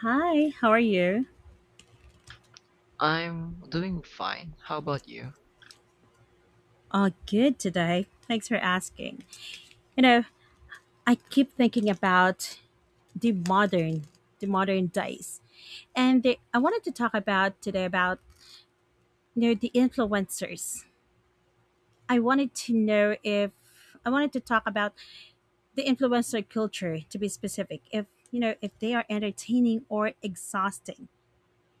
Hi, how are you? I'm doing fine. How about you? Oh, good today. Thanks for asking. You know, I keep thinking about the modern, the modern days, I wanted to talk about today about the influencers. I wanted to know if I wanted to talk about the influencer culture to be specific. If you know if they are entertaining or exhausting.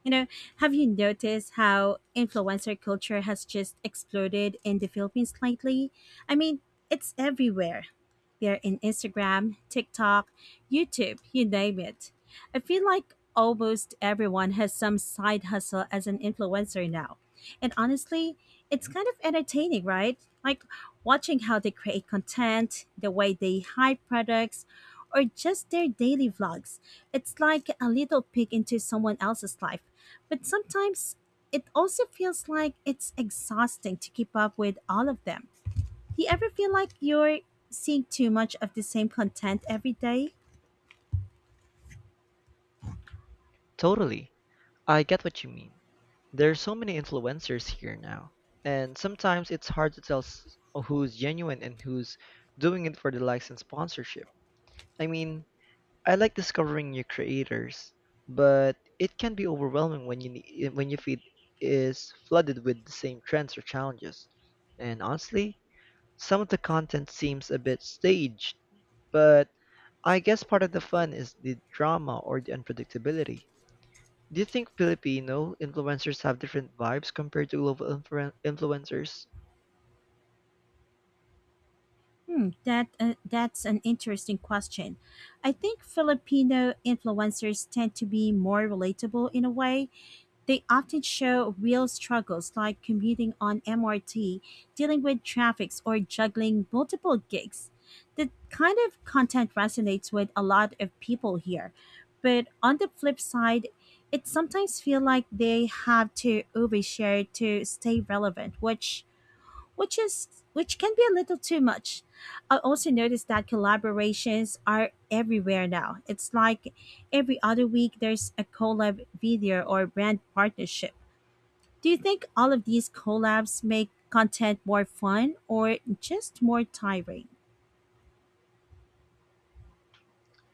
You know, have you noticed how influencer culture has just exploded in the Philippines lately? I mean, it's everywhere. They're in Instagram, TikTok, YouTube, you name it. I feel like almost everyone has some side hustle as an influencer now. And honestly, it's kind of entertaining, right? Like watching how they create content, the way they hide products, or just their daily vlogs. It's like a little peek into someone else's life. But sometimes it also feels like it's exhausting to keep up with all of them. Do you ever feel like you're seeing too much of the same content every day? Totally. I get what you mean. There are so many influencers here now, and sometimes it's hard to tell who's genuine and who's doing it for the likes and sponsorship. I mean, I like discovering new creators, but it can be overwhelming when your feed is flooded with the same trends or challenges. And honestly, some of the content seems a bit staged. But I guess part of the fun is the drama or the unpredictability. Do you think Filipino influencers have different vibes compared to global influencers? That's an interesting question. I think Filipino influencers tend to be more relatable in a way. They often show real struggles like commuting on MRT, dealing with traffics, or juggling multiple gigs. That kind of content resonates with a lot of people here. But on the flip side, it sometimes feel like they have to overshare to stay relevant, which can be a little too much. I also noticed that collaborations are everywhere now. It's like every other week there's a collab video or brand partnership. Do you think all of these collabs make content more fun or just more tiring?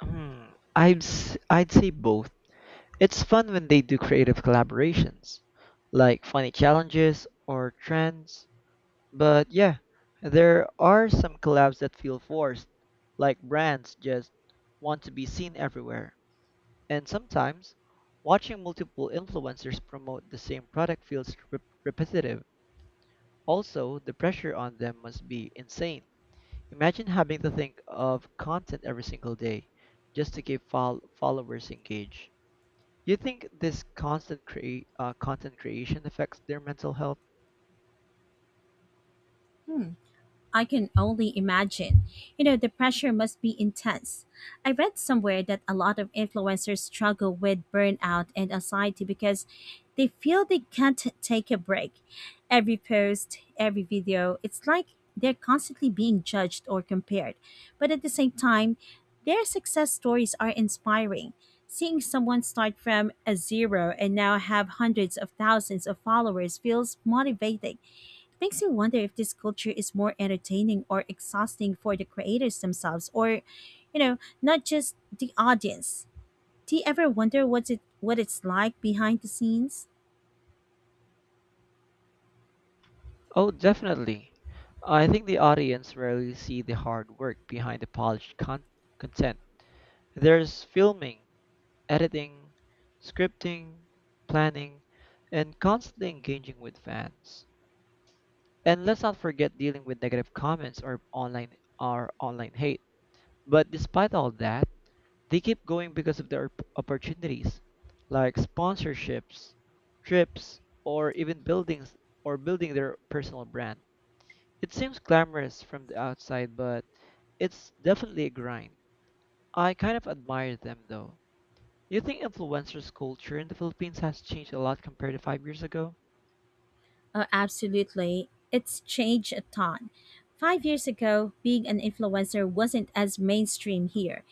I'd say both. It's fun when they do creative collaborations, like funny challenges or trends. But yeah, there are some collabs that feel forced, like brands just want to be seen everywhere. And sometimes, watching multiple influencers promote the same product feels repetitive. Also, the pressure on them must be insane. Imagine having to think of content every single day just to keep followers engaged. You think this constant content creation affects their mental health? I can only imagine. The pressure must be intense. I read somewhere that a lot of influencers struggle with burnout and anxiety because they feel they can't take a break. Every post, every video, it's like they're constantly being judged or compared. But at the same time, their success stories are inspiring. Seeing someone start from a zero and now have hundreds of thousands of followers feels motivating. Makes me wonder if this culture is more entertaining or exhausting for the creators themselves or not just the audience. Do you ever wonder what it's like behind the scenes? Oh, definitely. I think the audience rarely see the hard work behind the polished content. There's filming, editing, scripting, planning, and constantly engaging with fans. And let's not forget dealing with negative comments or online hate. But despite all that, they keep going because of their opportunities, like sponsorships, trips, or even building their personal brand. It seems glamorous from the outside, but it's definitely a grind. I kind of admire them though. Do you think influencers culture in the Philippines has changed a lot compared to 5 years ago? Oh, absolutely. It's changed a ton. 5 years ago, being an influencer wasn't as mainstream here.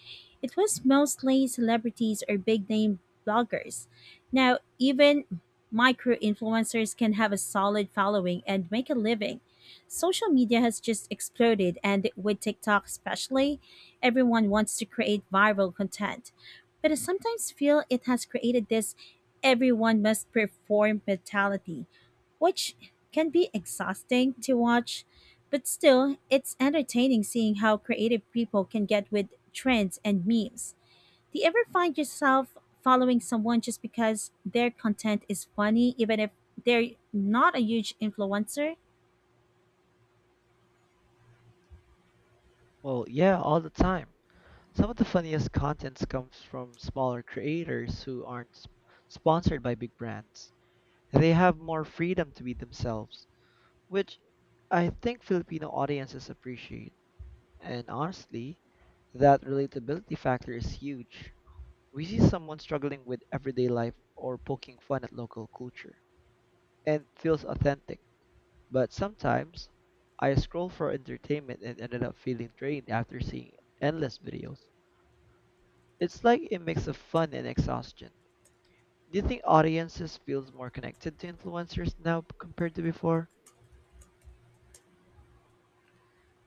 It was mostly celebrities or big name bloggers. Now, even micro influencers can have a solid following and make a living. Social media has just exploded, and with TikTok especially, everyone wants to create viral content. But I sometimes feel it has created this everyone must perform mentality which can be exhausting to watch, but still, it's entertaining seeing how creative people can get with trends and memes. Do you ever find yourself following someone just because their content is funny, even if they're not a huge influencer? Well, yeah, all the time. Some of the funniest contents comes from smaller creators who aren't sponsored by big brands. They have more freedom to be themselves, which I think Filipino audiences appreciate. And honestly, that relatability factor is huge. We see someone struggling with everyday life or poking fun at local culture, and feels authentic. But sometimes, I scroll for entertainment and ended up feeling drained after seeing endless videos. It's like a mix of fun and exhaustion. Do you think audiences feels more connected to influencers now compared to before?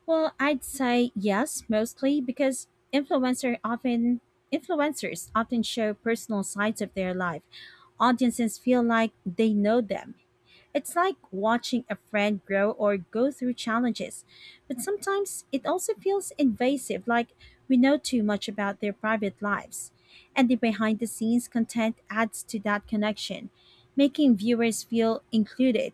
Well, I'd say yes, mostly because influencers often show personal sides of their life. Audiences feel like they know them. It's like watching a friend grow or go through challenges, but sometimes it also feels invasive, like we know too much about their private lives. And the behind the scenes content adds to that connection, making viewers feel included.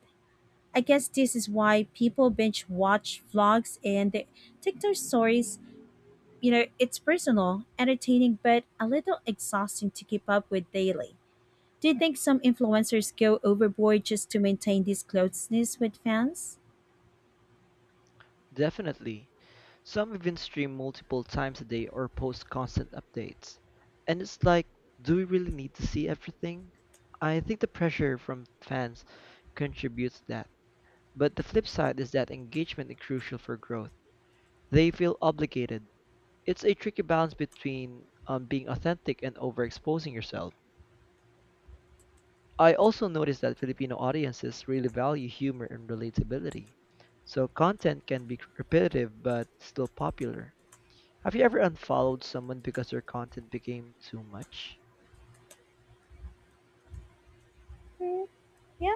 I guess this is why people binge watch vlogs and the TikTok stories. It's personal, entertaining, but a little exhausting to keep up with daily. Do you think some influencers go overboard just to maintain this closeness with fans? Definitely. Some even stream multiple times a day or post constant updates. And it's like, do we really need to see everything? I think the pressure from fans contributes to that. But the flip side is that engagement is crucial for growth. They feel obligated. It's a tricky balance between being authentic and overexposing yourself. I also noticed that Filipino audiences really value humor and relatability. So content can be repetitive but still popular. Have you ever unfollowed someone because their content became too much? Yeah,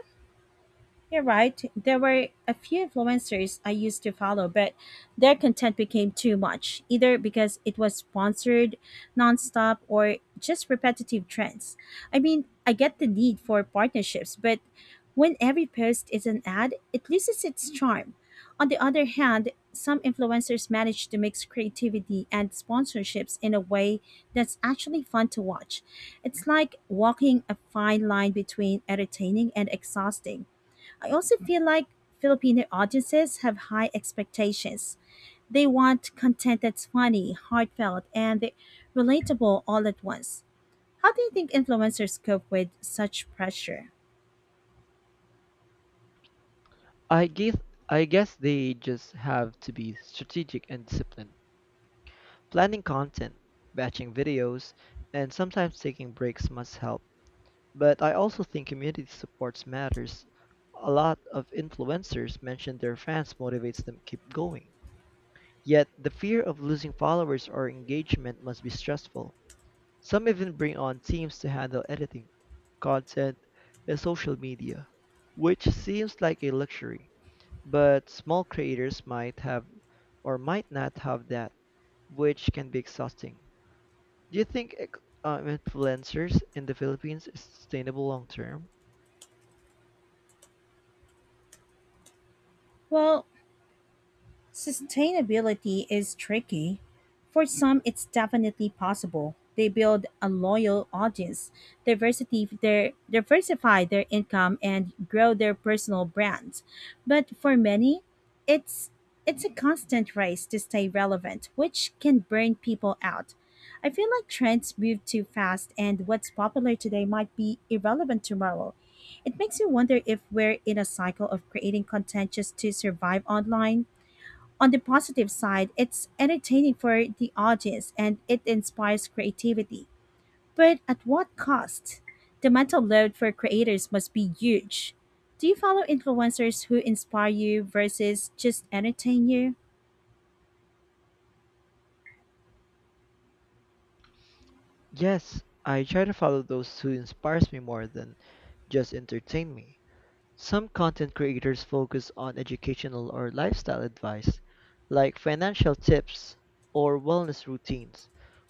you're right. There were a few influencers I used to follow, but their content became too much, either because it was sponsored nonstop or just repetitive trends. I mean, I get the need for partnerships, but when every post is an ad, it loses its charm. On the other hand, some influencers manage to mix creativity and sponsorships in a way that's actually fun to watch. It's like walking a fine line between entertaining and exhausting. I also feel like Filipino audiences have high expectations. They want content that's funny, heartfelt, and relatable all at once. How do you think influencers cope with such pressure? I guess I guess they just have to be strategic and disciplined. Planning content, batching videos, and sometimes taking breaks must help. But I also think community supports matters. A lot of influencers mention their fans motivates them keep going. Yet the fear of losing followers or engagement must be stressful. Some even bring on teams to handle editing, content, and social media, which seems like a luxury. But small creators might not have that, which can be exhausting. Do you think influencers in the Philippines is sustainable long term? Well, sustainability is tricky. For some, it's definitely possible. They build a loyal audience, diversify their income, and grow their personal brands. But for many, it's it's a constant race to stay relevant, which can burn people out. I feel like trends move too fast, and what's popular today might be irrelevant tomorrow. It makes me wonder if we're in a cycle of creating content just to survive online. On the positive side, it's entertaining for the audience and it inspires creativity. But at what cost? The mental load for creators must be huge. Do you follow influencers who inspire you versus just entertain you? Yes, I try to follow those who inspires me more than just entertain me. Some content creators focus on educational or lifestyle advice, like financial tips or wellness routines,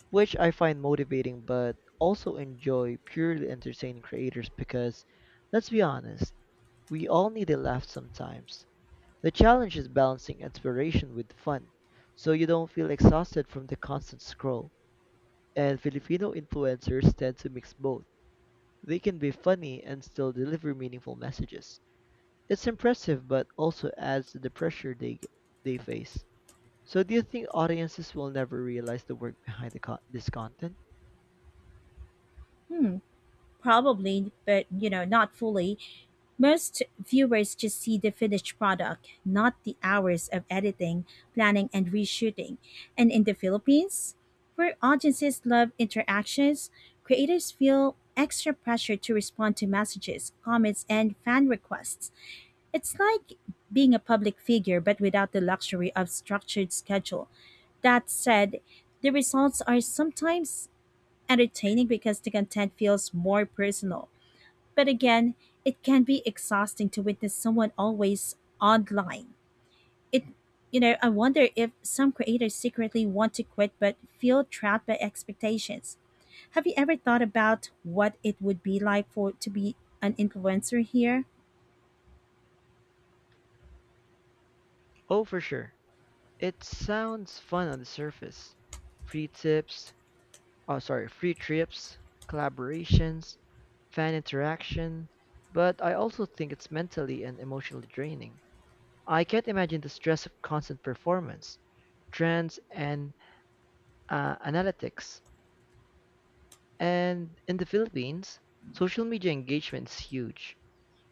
which I find motivating but also enjoy purely entertaining creators because, let's be honest, we all need a laugh sometimes. The challenge is balancing inspiration with fun, so you don't feel exhausted from the constant scroll. And Filipino influencers tend to mix both. They can be funny and still deliver meaningful messages. It's impressive, but also adds to the pressure they face. So, do you think audiences will never realize the work behind the this content? Hmm, Probably, but not fully. Most viewers just see the finished product, not the hours of editing, planning, and reshooting. And in the Philippines, where audiences love interactions, creators feel extra pressure to respond to messages, comments, and fan requests. It's like being a public figure, but without the luxury of structured schedule. That said, the results are sometimes entertaining because the content feels more personal. But again, it can be exhausting to witness someone always online. It I wonder if some creators secretly want to quit but feel trapped by expectations. Have you ever thought about what it would be like for to be an influencer here? Oh, for sure. It sounds fun on the surface. Free tips, oh, sorry, free trips, collaborations, fan interaction, but I also think it's mentally and emotionally draining. I can't imagine the stress of constant performance, trends, and analytics. And in the Philippines, social media engagement is huge.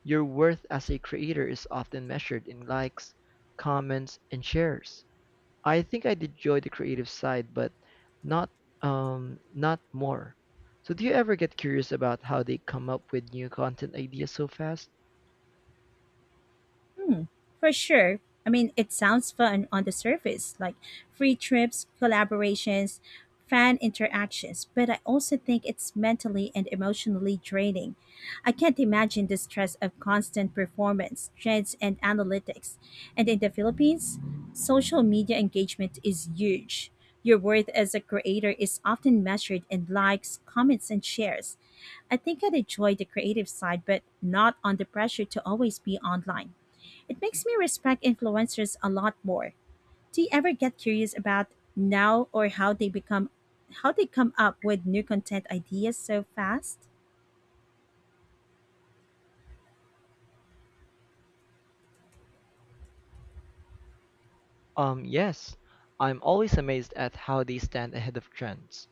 Your worth as a creator is often measured in likes, comments, and shares. I think I enjoy the creative side, but not not more. So do you ever get curious about how they come up with new content ideas so fast? For sure. I mean, it sounds fun on the surface, like free trips, collaborations, fan interactions, but I also think it's mentally and emotionally draining. I can't imagine the stress of constant performance, trends, and analytics. And in the Philippines, social media engagement is huge. Your worth as a creator is often measured in likes, comments, and shares. I think I'd enjoy the creative side, but not on the pressure to always be online. It makes me respect influencers a lot more. Do you ever get curious about now or how they become how they come up with new content ideas so fast? Yes. I'm always amazed at how they stand ahead of trends.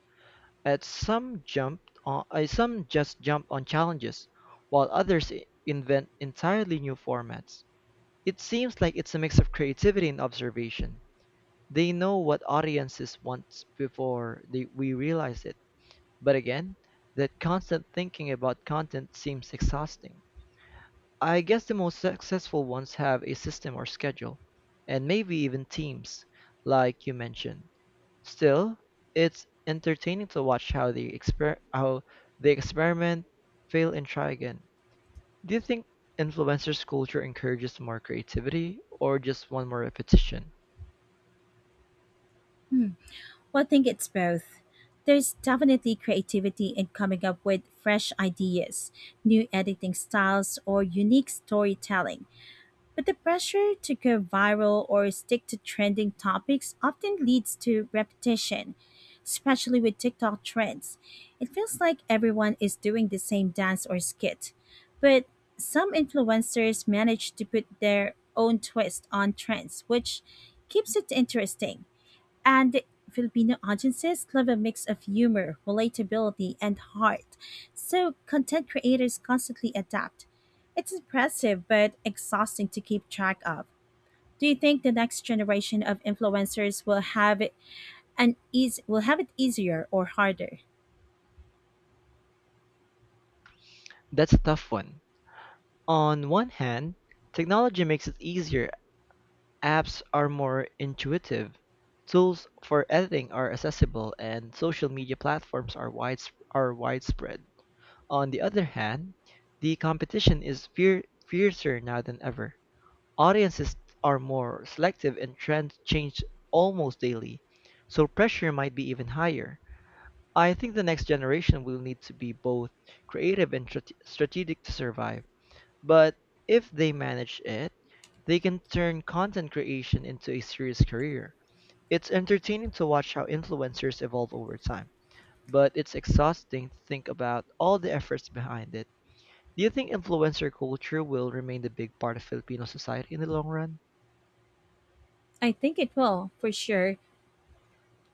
At some jumped on, some just jumped on challenges, while others invent entirely new formats. It seems like it's a mix of creativity and observation. They know what audiences want before we realize it. But again, that constant thinking about content seems exhausting. I guess the most successful ones have a system or schedule, and maybe even teams, like you mentioned. Still, it's entertaining to watch how they experiment, fail, and try again. Do you think influencers culture encourages more creativity or just one more repetition? Well, I think it's both. There's definitely creativity in coming up with fresh ideas, new editing styles, or unique storytelling. But the pressure to go viral or stick to trending topics often leads to repetition, especially with TikTok trends. It feels like everyone is doing the same dance or skit. But some influencers manage to put their own twist on trends, which keeps it interesting. And Filipino audiences love a mix of humor, relatability, and heart. So content creators constantly adapt. It's impressive but exhausting to keep track of. Do you think the next generation of influencers will have it an easy will have it easier or harder? That's a tough one. On one hand, technology makes it easier. Apps are more intuitive. Tools for editing are accessible and social media platforms are widespread. On the other hand, the competition is fear fiercer now than ever. Audiences are more selective and trends change almost daily, so pressure might be even higher. I think the next generation will need to be both creative and strategic to survive, but if they manage it, they can turn content creation into a serious career. It's entertaining to watch how influencers evolve over time, but it's exhausting to think about all the efforts behind it. Do you think influencer culture will remain the big part of Filipino society in the long run? I think it will, for sure.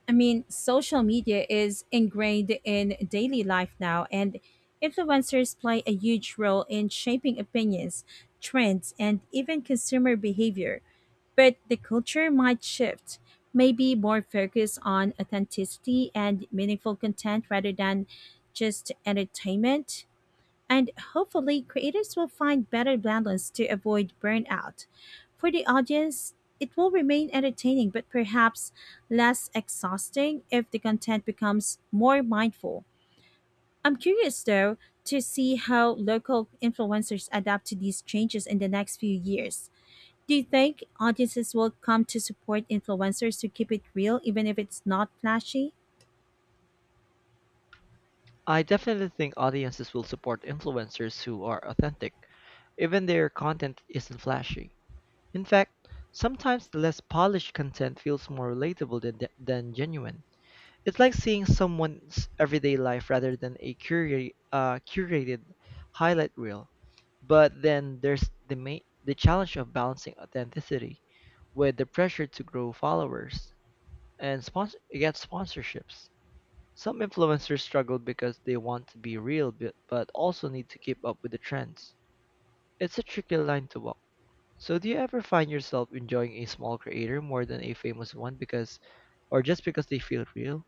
I mean, social media is ingrained in daily life now, and influencers play a huge role in shaping opinions, trends, and even consumer behavior. But the culture might shift, maybe more focus on authenticity and meaningful content rather than just entertainment. And hopefully, creators will find better balance to avoid burnout. For the audience, it will remain entertaining but perhaps less exhausting if the content becomes more mindful. I'm curious though to see how local influencers adapt to these changes in the next few years. Do you think audiences will come to support influencers to keep it real even if it's not flashy? I definitely think audiences will support influencers who are authentic, even their content isn't flashy. In fact, sometimes the less polished content feels more relatable than genuine. It's like seeing someone's everyday life rather than a curated highlight reel. But then there's the the challenge of balancing authenticity with the pressure to grow followers and get sponsorships. Some influencers struggle because they want to be real but also need to keep up with the trends. It's a tricky line to walk. So do you ever find yourself enjoying a small creator more than a famous one because or just because they feel real?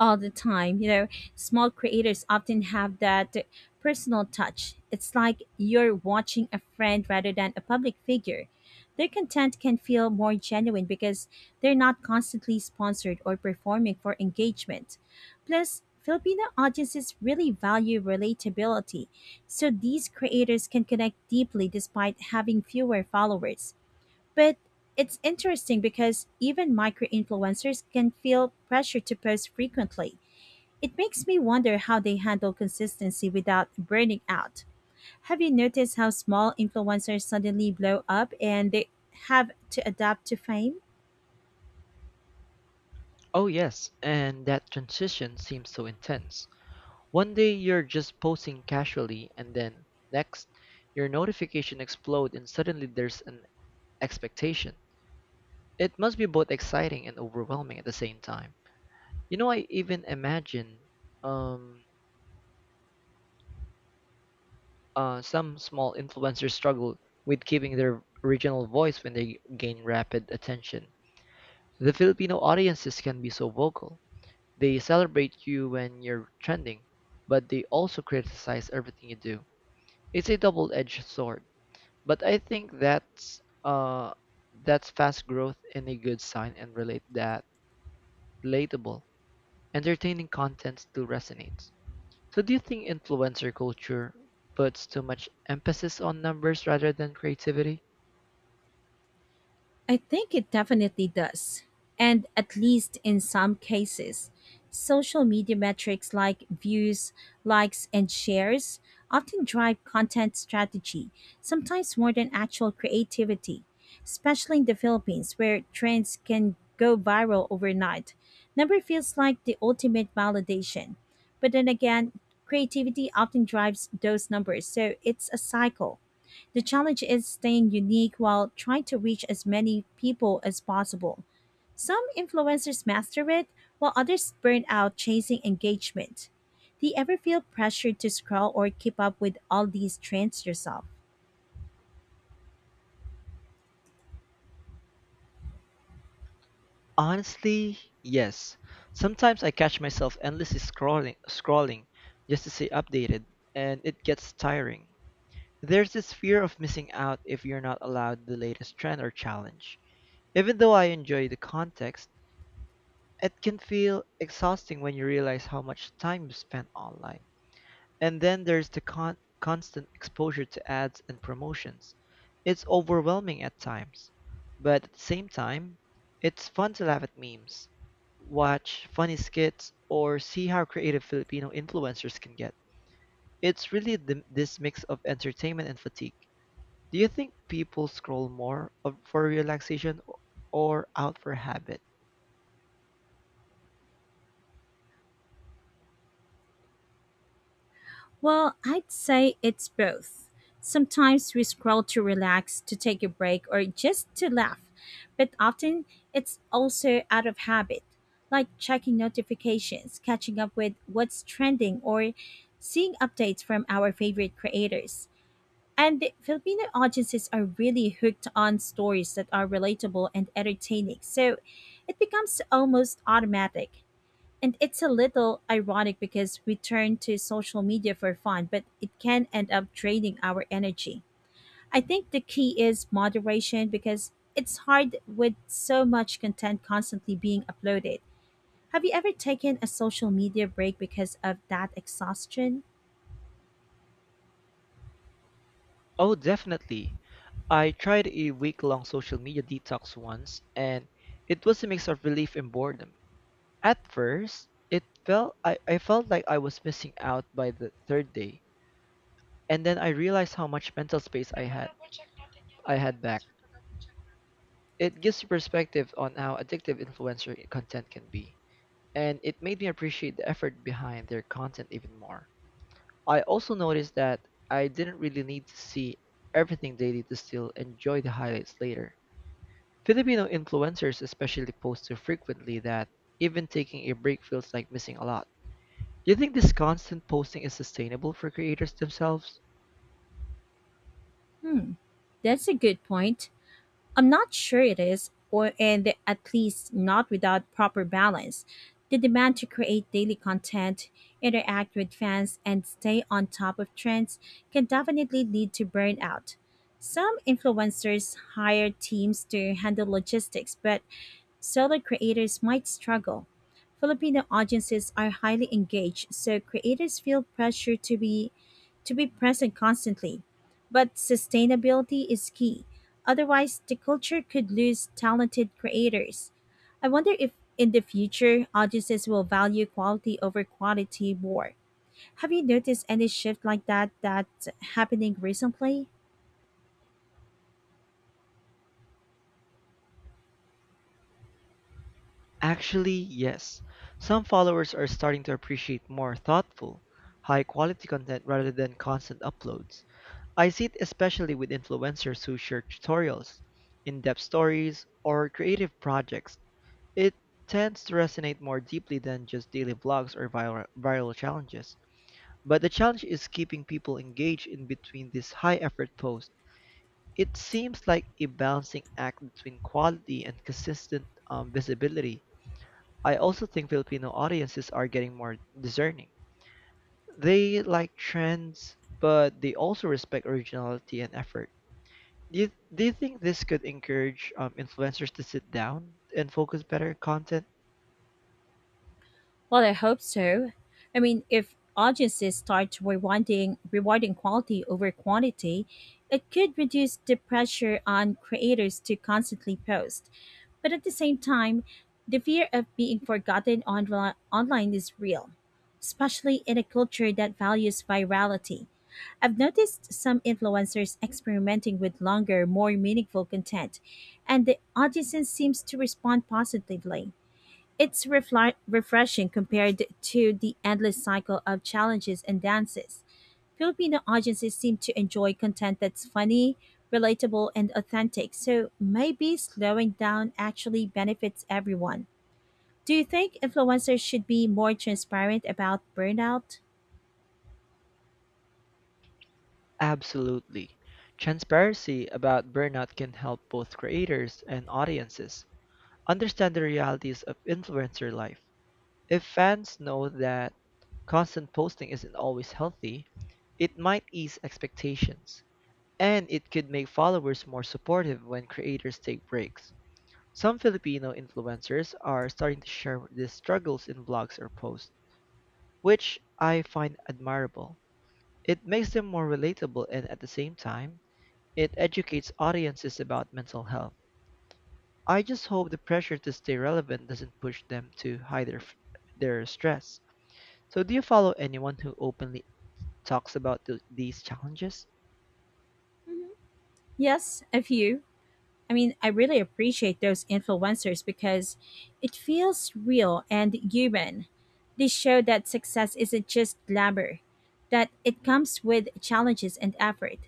All the time. Small creators often have that personal touch. It's like you're watching a friend rather than a public figure. Their content can feel more genuine because they're not constantly sponsored or performing for engagement. Plus, Filipino audiences really value relatability, so these creators can connect deeply despite having fewer followers. But it's interesting because even micro influencers can feel pressure to post frequently. It makes me wonder how they handle consistency without burning out. Have you noticed how small influencers suddenly blow up and they have to adapt to fame? Oh yes, and that transition seems so intense. One day you're just posting casually and then next your notification explode and suddenly there's an expectation. It must be both exciting and overwhelming at the same time. You know, I even imagine um, some small influencers struggle with keeping their original voice when they gain rapid attention. The Filipino audiences can be so vocal. They celebrate you when you're trending, but they also criticize everything you do. It's a double-edged sword, but I think that's fast growth and a good sign and relate that relatable, entertaining content still resonates. So do you think influencer culture puts too much emphasis on numbers rather than creativity? I think it definitely does. And at least in some cases, social media metrics like views, likes, and shares often drive content strategy, sometimes more than actual creativity, especially in the Philippines where trends can go viral overnight. Number feels like the ultimate validation. But then again, creativity often drives those numbers, so it's a cycle. The challenge is staying unique while trying to reach as many people as possible. Some influencers master it, while others burn out chasing engagement. Do you ever feel pressured to scroll or keep up with all these trends yourself? Honestly, yes. Sometimes I catch myself endlessly scrolling just to stay updated, and it gets tiring. There's this fear of missing out if you're not allowed the latest trend or challenge. Even though I enjoy the context, it can feel exhausting when you realize how much time you spent online. And then there's the constant exposure to ads and promotions. It's overwhelming at times, but at the same time, it's fun to laugh at memes, watch funny skits, or see how creative Filipino influencers can get. It's really this mix of entertainment and fatigue. Do you think people scroll more for relaxation or out for habit? Well, I'd say it's both. Sometimes we scroll to relax, to take a break, or just to laugh, but often it's also out of habit, like checking notifications, catching up with what's trending, or seeing updates from our favorite creators. And the Filipino audiences are really hooked on stories that are relatable and entertaining, so it becomes almost automatic. And it's a little ironic because we turn to social media for fun, but it can end up draining our energy. I think the key is moderation because it's hard with so much content constantly being uploaded. Have you ever taken a social media break because of that exhaustion? Oh, definitely. I tried a week-long social media detox once, and it was a mix of relief and boredom. At first, I felt like I was missing out by the third day, and then I realized how much mental space I had. Back. It gives you perspective on how addictive influencer content can be, and it made me appreciate the effort behind their content even more. I also noticed that I didn't really need to see everything daily to still enjoy the highlights later. Filipino influencers especially post so frequently that even taking a break feels like missing a lot. Do you think this constant posting is sustainable for creators themselves? That's a good point. I'm not sure it is, or and at least not without proper balance. The demand to create daily content, interact with fans, and stay on top of trends can definitely lead to burnout. Some influencers hire teams to handle logistics, but solo creators might struggle. Filipino audiences are highly engaged, so creators feel pressure to be present constantly. But sustainability is key. Otherwise, the culture could lose talented creators. I wonder if in the future audiences will value quality over quantity more. Have you noticed any shift like that's happening recently? Actually, yes. Some followers are starting to appreciate more thoughtful, high quality content rather than constant uploads. I see it especially with influencers who share tutorials, in depth stories, or creative projects. It tends to resonate more deeply than just daily vlogs or viral challenges. But the challenge is keeping people engaged in between these high effort posts. It seems like a balancing act between quality and consistent visibility. I also think Filipino audiences are getting more discerning. They like trends, but they also respect originality and effort. Do you think this could encourage influencers to sit down and focus better on content? Well, I hope so. I mean, if audiences start rewarding quality over quantity, it could reduce the pressure on creators to constantly post. But at the same time, the fear of being forgotten online is real, especially in a culture that values virality. I've noticed some influencers experimenting with longer, more meaningful content, and the audience seems to respond positively. It's refli refreshing compared to the endless cycle of challenges and dances. Filipino audiences seem to enjoy content that's funny, relatable, and authentic, so maybe slowing down actually benefits everyone. Do you think influencers should be more transparent about burnout? Absolutely. Transparency about burnout can help both creators and audiences understand the realities of influencer life. If fans know that constant posting isn't always healthy, it might ease expectations. And it could make followers more supportive when creators take breaks. Some Filipino influencers are starting to share these struggles in blogs or posts, which I find admirable. It makes them more relatable and at the same time, it educates audiences about mental health. I just hope the pressure to stay relevant doesn't push them to hide their stress. So, do you follow anyone who openly talks about these challenges? Yes, a few. I mean, I really appreciate those influencers because it feels real and human. They show that success isn't just glamour, that it comes with challenges and effort.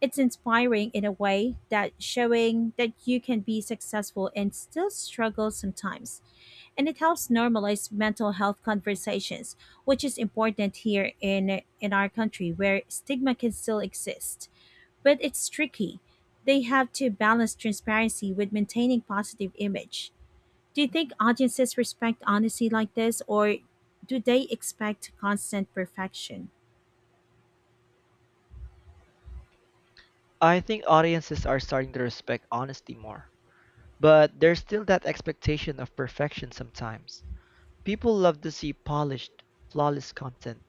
It's inspiring in a way that showing that you can be successful and still struggle sometimes. And it helps normalize mental health conversations, which is important here in our country where stigma can still exist. But it's tricky. They have to balance transparency with maintaining positive image. Do you think audiences respect honesty like this or do they expect constant perfection? I think audiences are starting to respect honesty more. But there's still that expectation of perfection sometimes. People love to see polished, flawless content,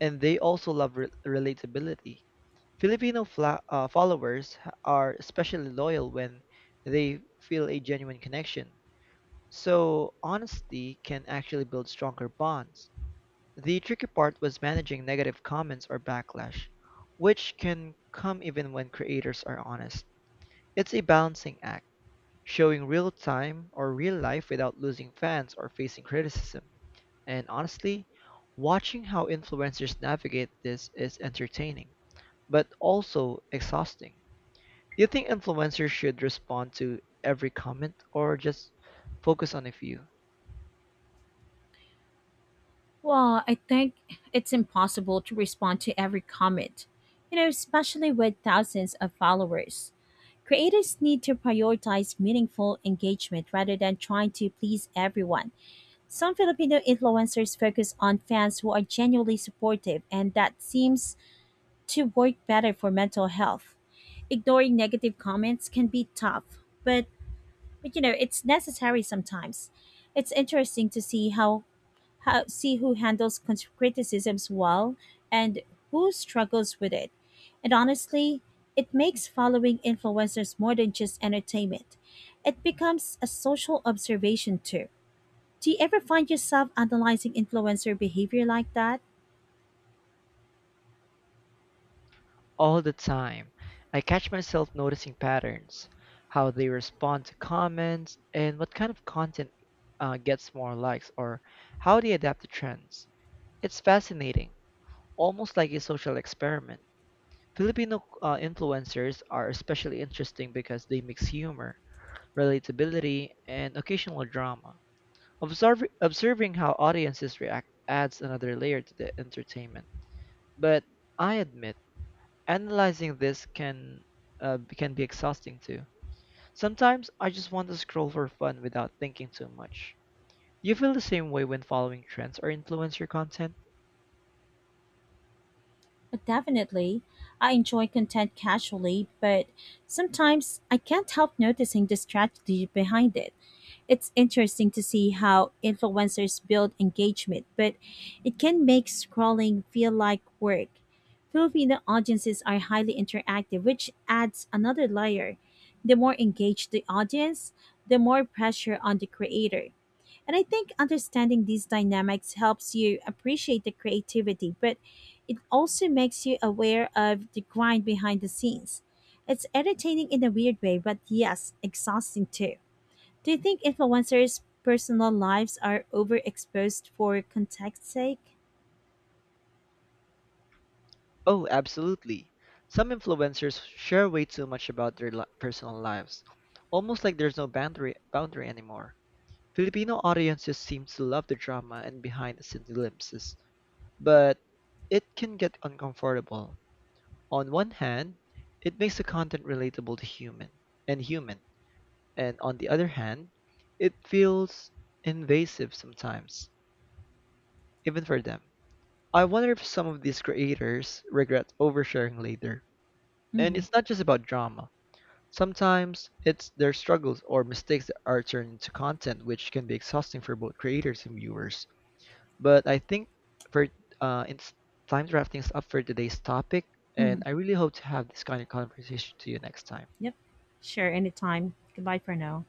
and they also love relatability. Filipino followers are especially loyal when they feel a genuine connection. So, honesty can actually build stronger bonds. The tricky part was managing negative comments or backlash, which can come even when creators are honest. It's a balancing act showing real time or real life without losing fans or facing criticism. And honestly, watching how influencers navigate this is entertaining, but also exhausting. Do you think influencers should respond to every comment or just focus on a few? Well, I think it's impossible to respond to every comment, you know, especially with thousands of followers. Creators need to prioritize meaningful engagement rather than trying to please everyone. Some Filipino influencers focus on fans who are genuinely supportive, and that seems to work better for mental health. Ignoring negative comments can be tough, but you know, it's necessary sometimes. It's interesting to see how see who handles con- criticisms well and who struggles with it. And honestly, it makes following influencers more than just entertainment. It becomes a social observation too. Do you ever find yourself analyzing influencer behavior like that? All the time, I catch myself noticing patterns, how they respond to comments, and what kind of content gets more likes, or how they adapt to trends. It's fascinating, almost like a social experiment. Filipino influencers are especially interesting because they mix humor, relatability, and occasional drama. Observing how audiences react adds another layer to the entertainment. But I admit, analyzing this can be exhausting too. Sometimes I just want to scroll for fun without thinking too much. You feel the same way when following trends or influencer content? Definitely. I enjoy content casually, but sometimes I can't help noticing the strategy behind it. It's interesting to see how influencers build engagement, but it can make scrolling feel like work. Filipino audiences are highly interactive, which adds another layer. The more engaged the audience, the more pressure on the creator. And I think understanding these dynamics helps you appreciate the creativity, but it also makes you aware of the grind behind the scenes. It's entertaining in a weird way, but yes, exhausting too. Do you think influencers' personal lives are overexposed for context's sake? Oh, absolutely. Some influencers share way too much about their personal lives, almost like there's no boundary anymore. Filipino audiences seem to love the drama and behind the scenes glimpses, but it can get uncomfortable. On one hand, it makes the content relatable to human, and on the other hand, it feels invasive sometimes, even for them. I wonder if some of these creators regret oversharing later. And Mm-hmm. it's not just about drama. Sometimes it's their struggles or mistakes that are turned into content, which can be exhausting for both creators and viewers. But I think for it's time to wrap things up for today's topic, and Mm-hmm. I really hope to have this kind of conversation to you next time. Yep. Sure, anytime. Goodbye for now.